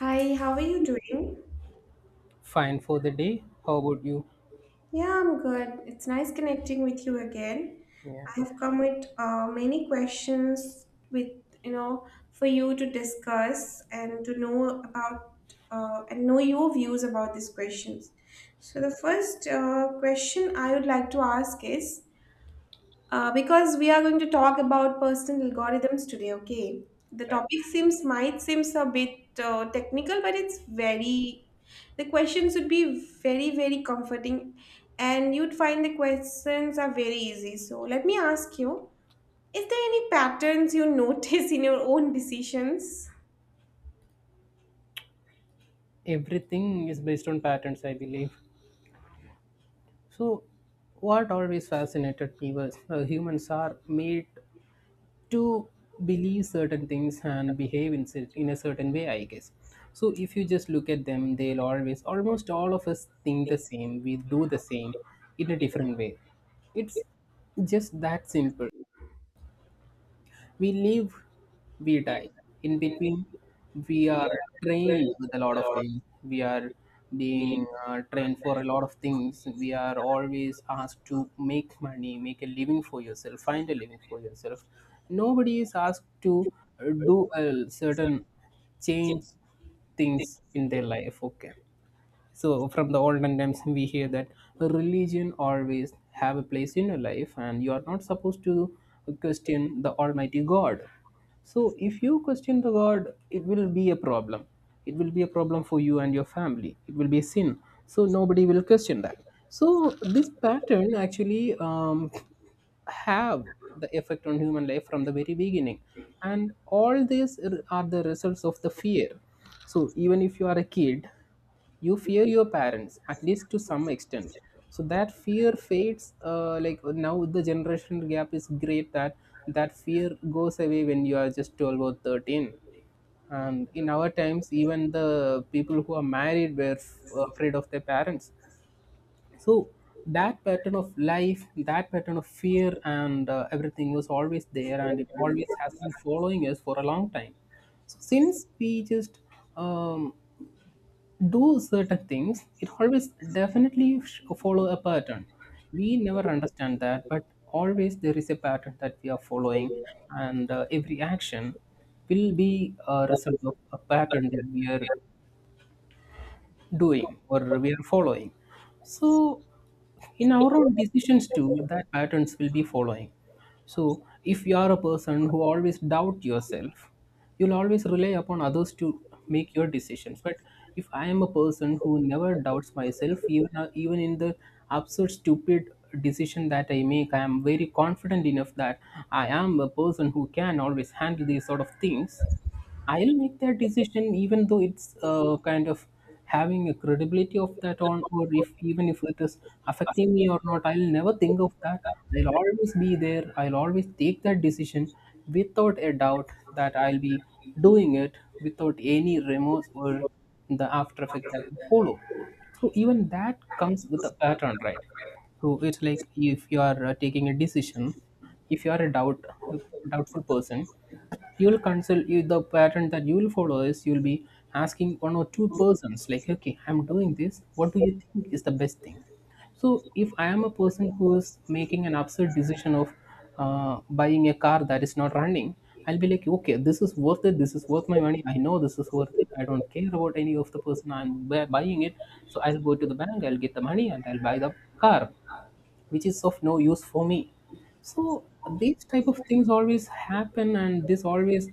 Hi, how are you doing? Fine for the day. How about you? Yeah, I'm good. It's nice connecting with you again. Yeah. I've come with many questions with you know for you to discuss and to know about, and know your views about these questions. So the first question I would like to ask is, because we are going to talk about personal algorithms today, okay? The Right. topic seems, might seems a bit technical, but it's very, the questions would be very, very comforting, and you'd find the questions are very easy. So let me ask you: is there any patterns you notice in your own decisions? Everything is based on patterns, I believe. So, what always fascinated me was humans are made to believe certain things and behave in, in a certain way, I guess. So, if you just look at them, they'll always, almost all of us think the same, we do the same in a different way. It's just that simple. We live, we die. In between, we are trained with a lot of things. We are being trained for a lot of things. We are always asked to make money, make a living for yourself, find a living for yourself. Nobody is asked to do a certain change things in their life. Okay, so from the olden times we hear that religion always have a place in your life and you are not supposed to question the almighty god. So if you question the god it will be a problem, it will be a problem for you and your family, it will be a sin, so nobody will question that. So this pattern actually have the effect on human life from the very beginning, and all these are the results of the fear. So even if you are a kid, you fear your parents at least to some extent. So that fear fades, like now the generation gap is great that that fear goes away when you are just 12 or 13, and in our times even the people who are married were afraid of their parents. So that pattern of life, that pattern of fear and everything was always there, and it always has been following us for a long time. So since we just um, do certain things, it always definitely follow a pattern. We never understand that, but always there is a pattern that we are following, and every action will be a result of a pattern that we are doing or we are following. So, in our own decisions too, that patterns will be following. So, if you are a person who always doubt yourself, you'll always rely upon others to make your decisions. But if I am a person who never doubts myself, even even in the absurd, stupid decision that I make, I am very confident enough that I am a person who can always handle these sort of things. I'll make that decision even though it's kind of having a credibility of that on, or if even if it is affecting me or not, I'll never think of that. I'll always be there, I'll always take that decision without a doubt, that I'll be doing it without any remorse or the after effect that will follow. So even that comes with a pattern, right? So it's like if you are taking a decision, if you are a doubt doubtful person, you will consult, you the pattern that you will follow is you will be asking one or two persons like, okay, I'm doing this, what do you think is the best thing? So if I am a person who is making an absurd decision of buying a car that is not running, I'll be like, okay, this is worth it, this is worth my money, I know this is worth it, I don't care about any of the person, buying it. So I'll go to the bank, I'll get the money, and I'll buy the car, which is of no use for me. So these type of things always happen, and this always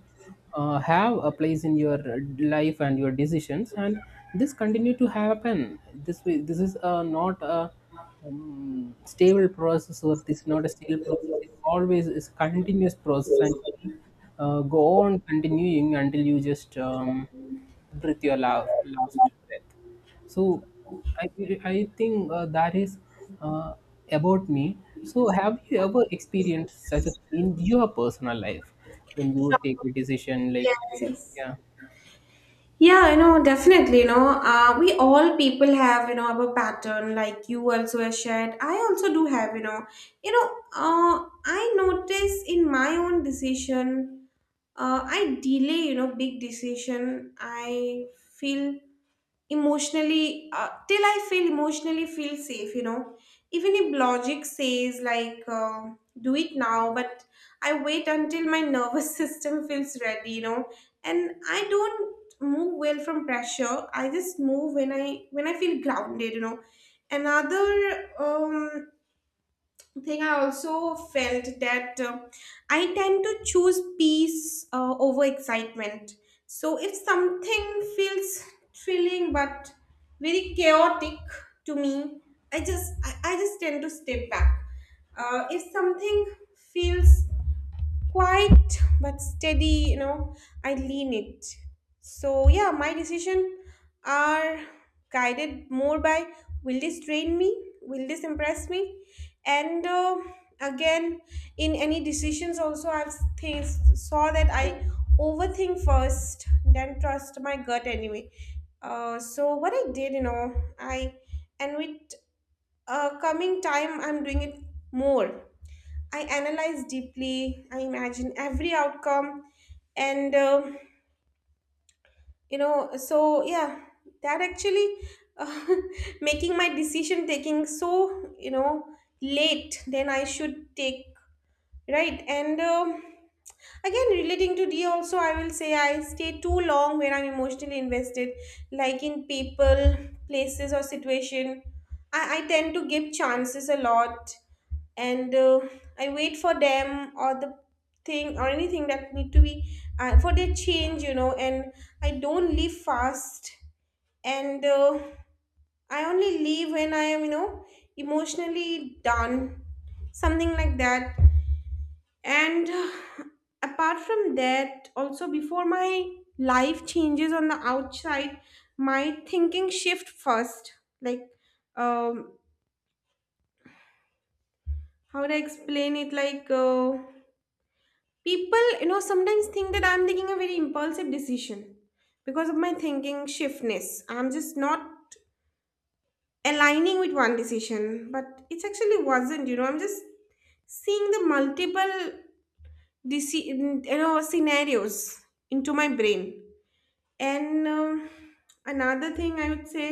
have a place in your life and your decisions, and this continue to happen this way. This is not a stable process, or this is not a stable process, it always is continuous process, and go on continuing until you just breathe your last breath. So I I think that is uh, about me. So have you ever experienced such a in your personal life when you take Sure. a decision like? Yes, yes. Yeah, Yeah, I know, definitely. You know, we all people have, you know, our pattern. Like you also have shared, I also do have. You know, uh, I notice in my own decision, I delay. You know, big decision. I feel emotionally, uh, till I feel safe, you know, even if logic says, like, do it now, but I wait until my nervous system feels ready, you know. And I don't move well from pressure, I just move when I feel grounded, you know. Another, thing I also felt that, I tend to choose peace over excitement. So if something feels thrilling but very chaotic to me, I just tend to step back. If something feels quiet but steady, you know, I lean it. So yeah, my decision are guided more by, will this train me, will this impress me. And again, in any decisions also, I've th- saw that I overthink first, then trust my gut anyway. So what I did, you know, I, and with coming time, I'm doing it more. I analyze deeply, I imagine every outcome, and you know. So yeah, that actually, uh, making my decision taking so, you know, late than I should take. Right, and again, relating to D also, I will say I stay too long when I'm emotionally invested, like in people, places, or situation. I tend to give chances a lot, and I wait for them, or the thing or anything that need to be for their change, you know. And I don't leave fast, and I only leave when I am, you know, emotionally done, something like that. And apart from that also, before my life changes on the outside, my thinking shift first. Like, um how would I explain it, like, people, you know, sometimes think that I'm taking a very impulsive decision because of my thinking shiftness, I'm just not aligning with one decision. But it actually wasn't, you know, I'm just seeing the multiple you know, scenarios into my brain. And another thing I would say,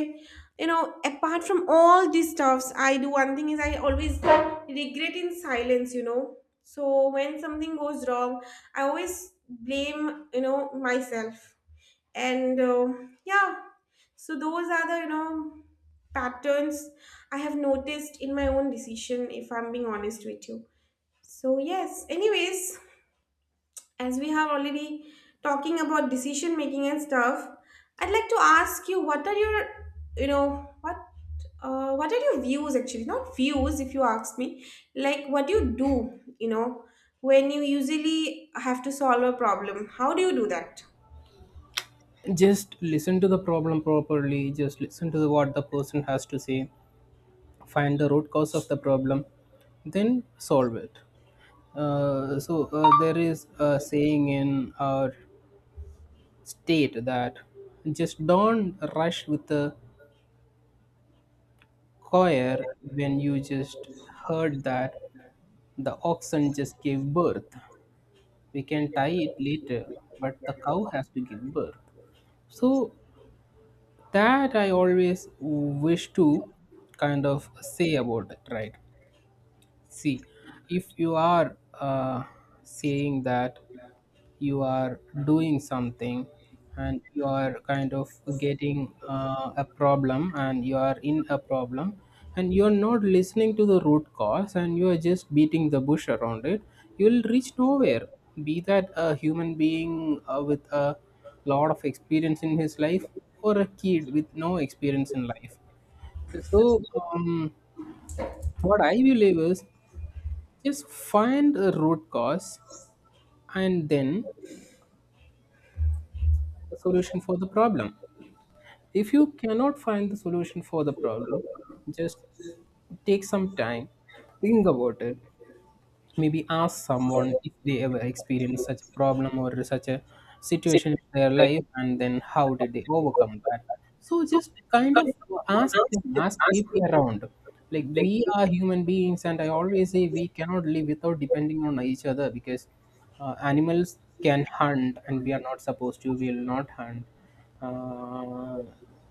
you know, apart from all these stuffs, I do one thing is I always regret in silence, you know. So when something goes wrong, I always blame, you know, myself. And yeah, so those are the, you know, patterns I have noticed in my own decision, if I'm being honest with you. So yes, anyways, as we have already talking about decision making and stuff, I'd like to ask you, what are your, you know what, what are your views, actually not views if you ask me, like, what do you do, you know, when you usually have to solve a problem, how do you do that? just listen to the problem properly, just listen to the, what the person has to say, find the root cause of the problem, then solve it. So there is a saying in our state that just don't rush with the choir when you just heard that the oxen just gave birth. We can tie it later, but the cow has to give birth. So that I always wish to kind of say about it, right? See, if you are saying that you are doing something and you are kind of getting a problem and you are in a problem, and you're not listening to the root cause and you are just beating the bush around it, you'll reach nowhere, be that a human being with a lot of experience in his life, or a kid with no experience in life. So what I believe is just find a root cause and then a solution for the problem. If you cannot find the solution for the problem, just take some time, think about it. Maybe ask someone if they ever experienced such a problem or such a situation in their life and then how did they overcome that. So just kind of ask them, ask people around. Like we are human beings, and I always say we cannot live without depending on each other, because animals can hunt and we are not supposed to, we will not hunt. Uh,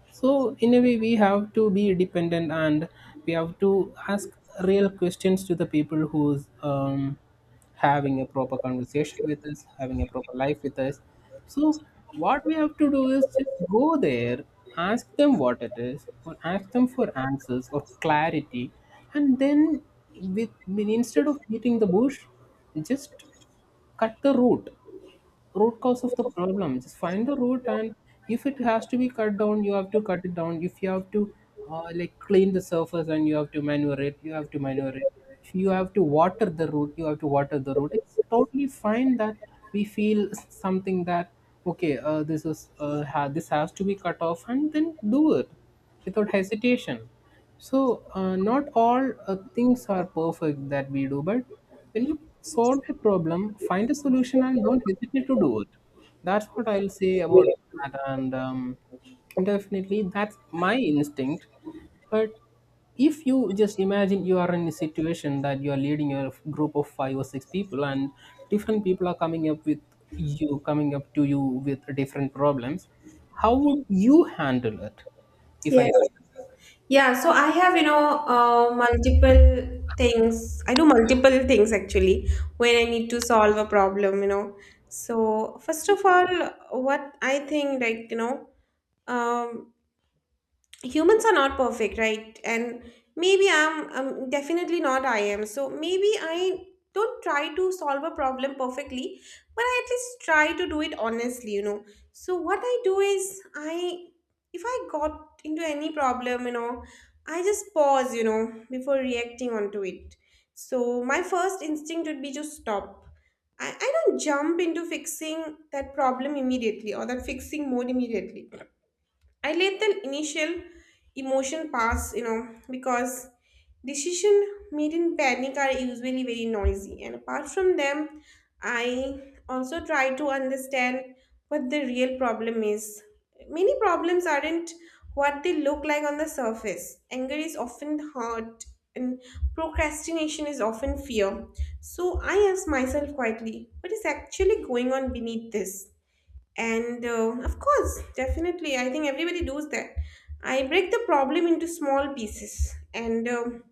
so in a way, we have to be dependent, and we have to ask real questions to the people who's having a proper conversation with us, having a proper life with us. So what we have to do is just go there, ask them what it is, or ask them for answers or clarity, and then, with instead of beating the bush, just cut the root, cause of the problem, just find the root, and if it has to be cut down you have to cut it down. If you have to like clean the surface and you have to manure it, you have to manure it. If you have to water the root, you have to water the root. It's totally fine that we feel something that, okay, this is this has to be cut off, and then do it without hesitation. So not all things are perfect that we do, but when you solve a problem, find a solution and don't hesitate to do it. That's what I'll say about that. And definitely, that's my instinct. But if you just imagine you are in a situation that you are leading a group of five or six people, and different people are coming up with you, coming up to you with different problems, how would you handle it? If I Yes. ask, Yeah, so I have, you know, multiple things. I do multiple things actually when I need to solve a problem, you know. So, first of all, what I think, like, you know, um, humans are not perfect, right? And I'm definitely not, I am, so maybe I don't try to solve a problem perfectly, but I at least try to do it honestly, you know. So what I do is, I, if I got into any problem, you know, I just pause, you know, before reacting onto it. So my first instinct would be to stop. I don't jump into fixing that problem immediately, or that fixing mode immediately. I let the initial emotion pass, you know, because decision made in panic are usually very noisy. And apart from them, I also try to understand what the real problem is. Many problems aren't what they look like on the surface. Anger is often hurt, and procrastination is often fear. So I ask myself quietly, what is actually going on beneath this? And of course, definitely, I think everybody does that. I break the problem into small pieces, and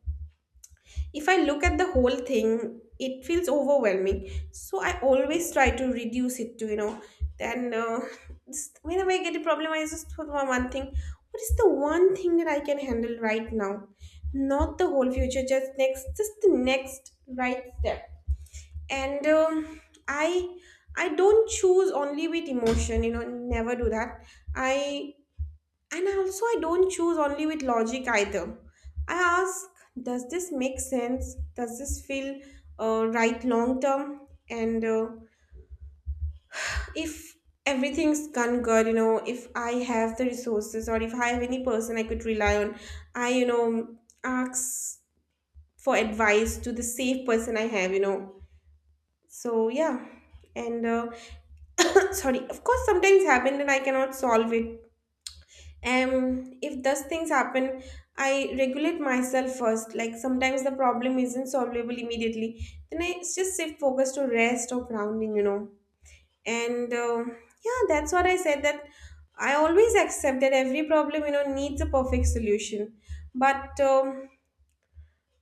if I look at the whole thing it feels overwhelming, so I always try to reduce it to, you know. Then just whenever I get a problem, I just put on one thing, what is the one thing that I can handle right now, not the whole future, just the next right step. And i I don't choose only with emotion, you know, never do that. I, and I also, I don't choose only with logic either. I ask, does this make sense, does this feel right long term? And if everything's gone good, you know, if I have the resources, or if I have any person I could rely on, I, you know, ask for advice to the safe person I have, you know. So yeah. And sorry, of course sometimes happen and I cannot solve it. um if those things happen, I regulate myself first, like sometimes the problem isn't solvable immediately, then I just shift focus to rest or grounding, you know. And yeah, that's what I said, that I always accept that every problem, you know, needs a perfect solution. But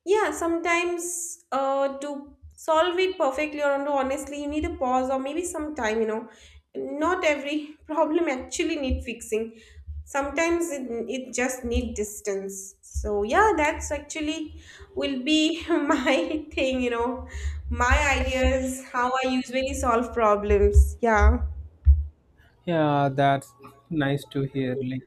yeah, sometimes, to solve it perfectly or no, honestly, you need a pause or maybe some time, you know. Not every problem actually need fixing. Sometimes it just need distance. So yeah, that's actually will be my thing, you know, my ideas, how I usually solve problems. Yeah. yeah, that's nice to hear. Like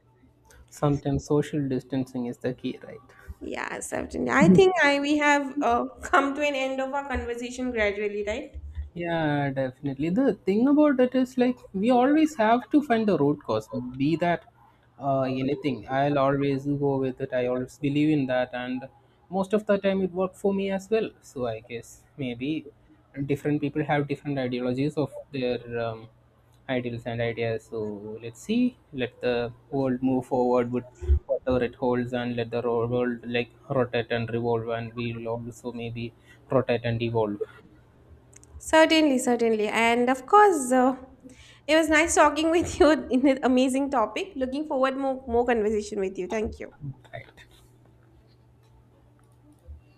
sometimes social distancing is the key, right? Yeah, certainly. I think I we have come to an end of our conversation gradually, right? Yeah, definitely. The thing about it is like we always have to find the root cause, be that anything. I'll always go with it. I always believe in that, and most of the time it worked for me as well. So I guess maybe different people have different ideologies of their ideals and ideas. So let's see. Let the world move forward with whatever it holds, and let the world like rotate and revolve, and we'll also maybe rotate and evolve. Certainly, certainly. And of course, it was nice talking with you in an amazing topic. Looking forward more conversation with you. Thank you. Right.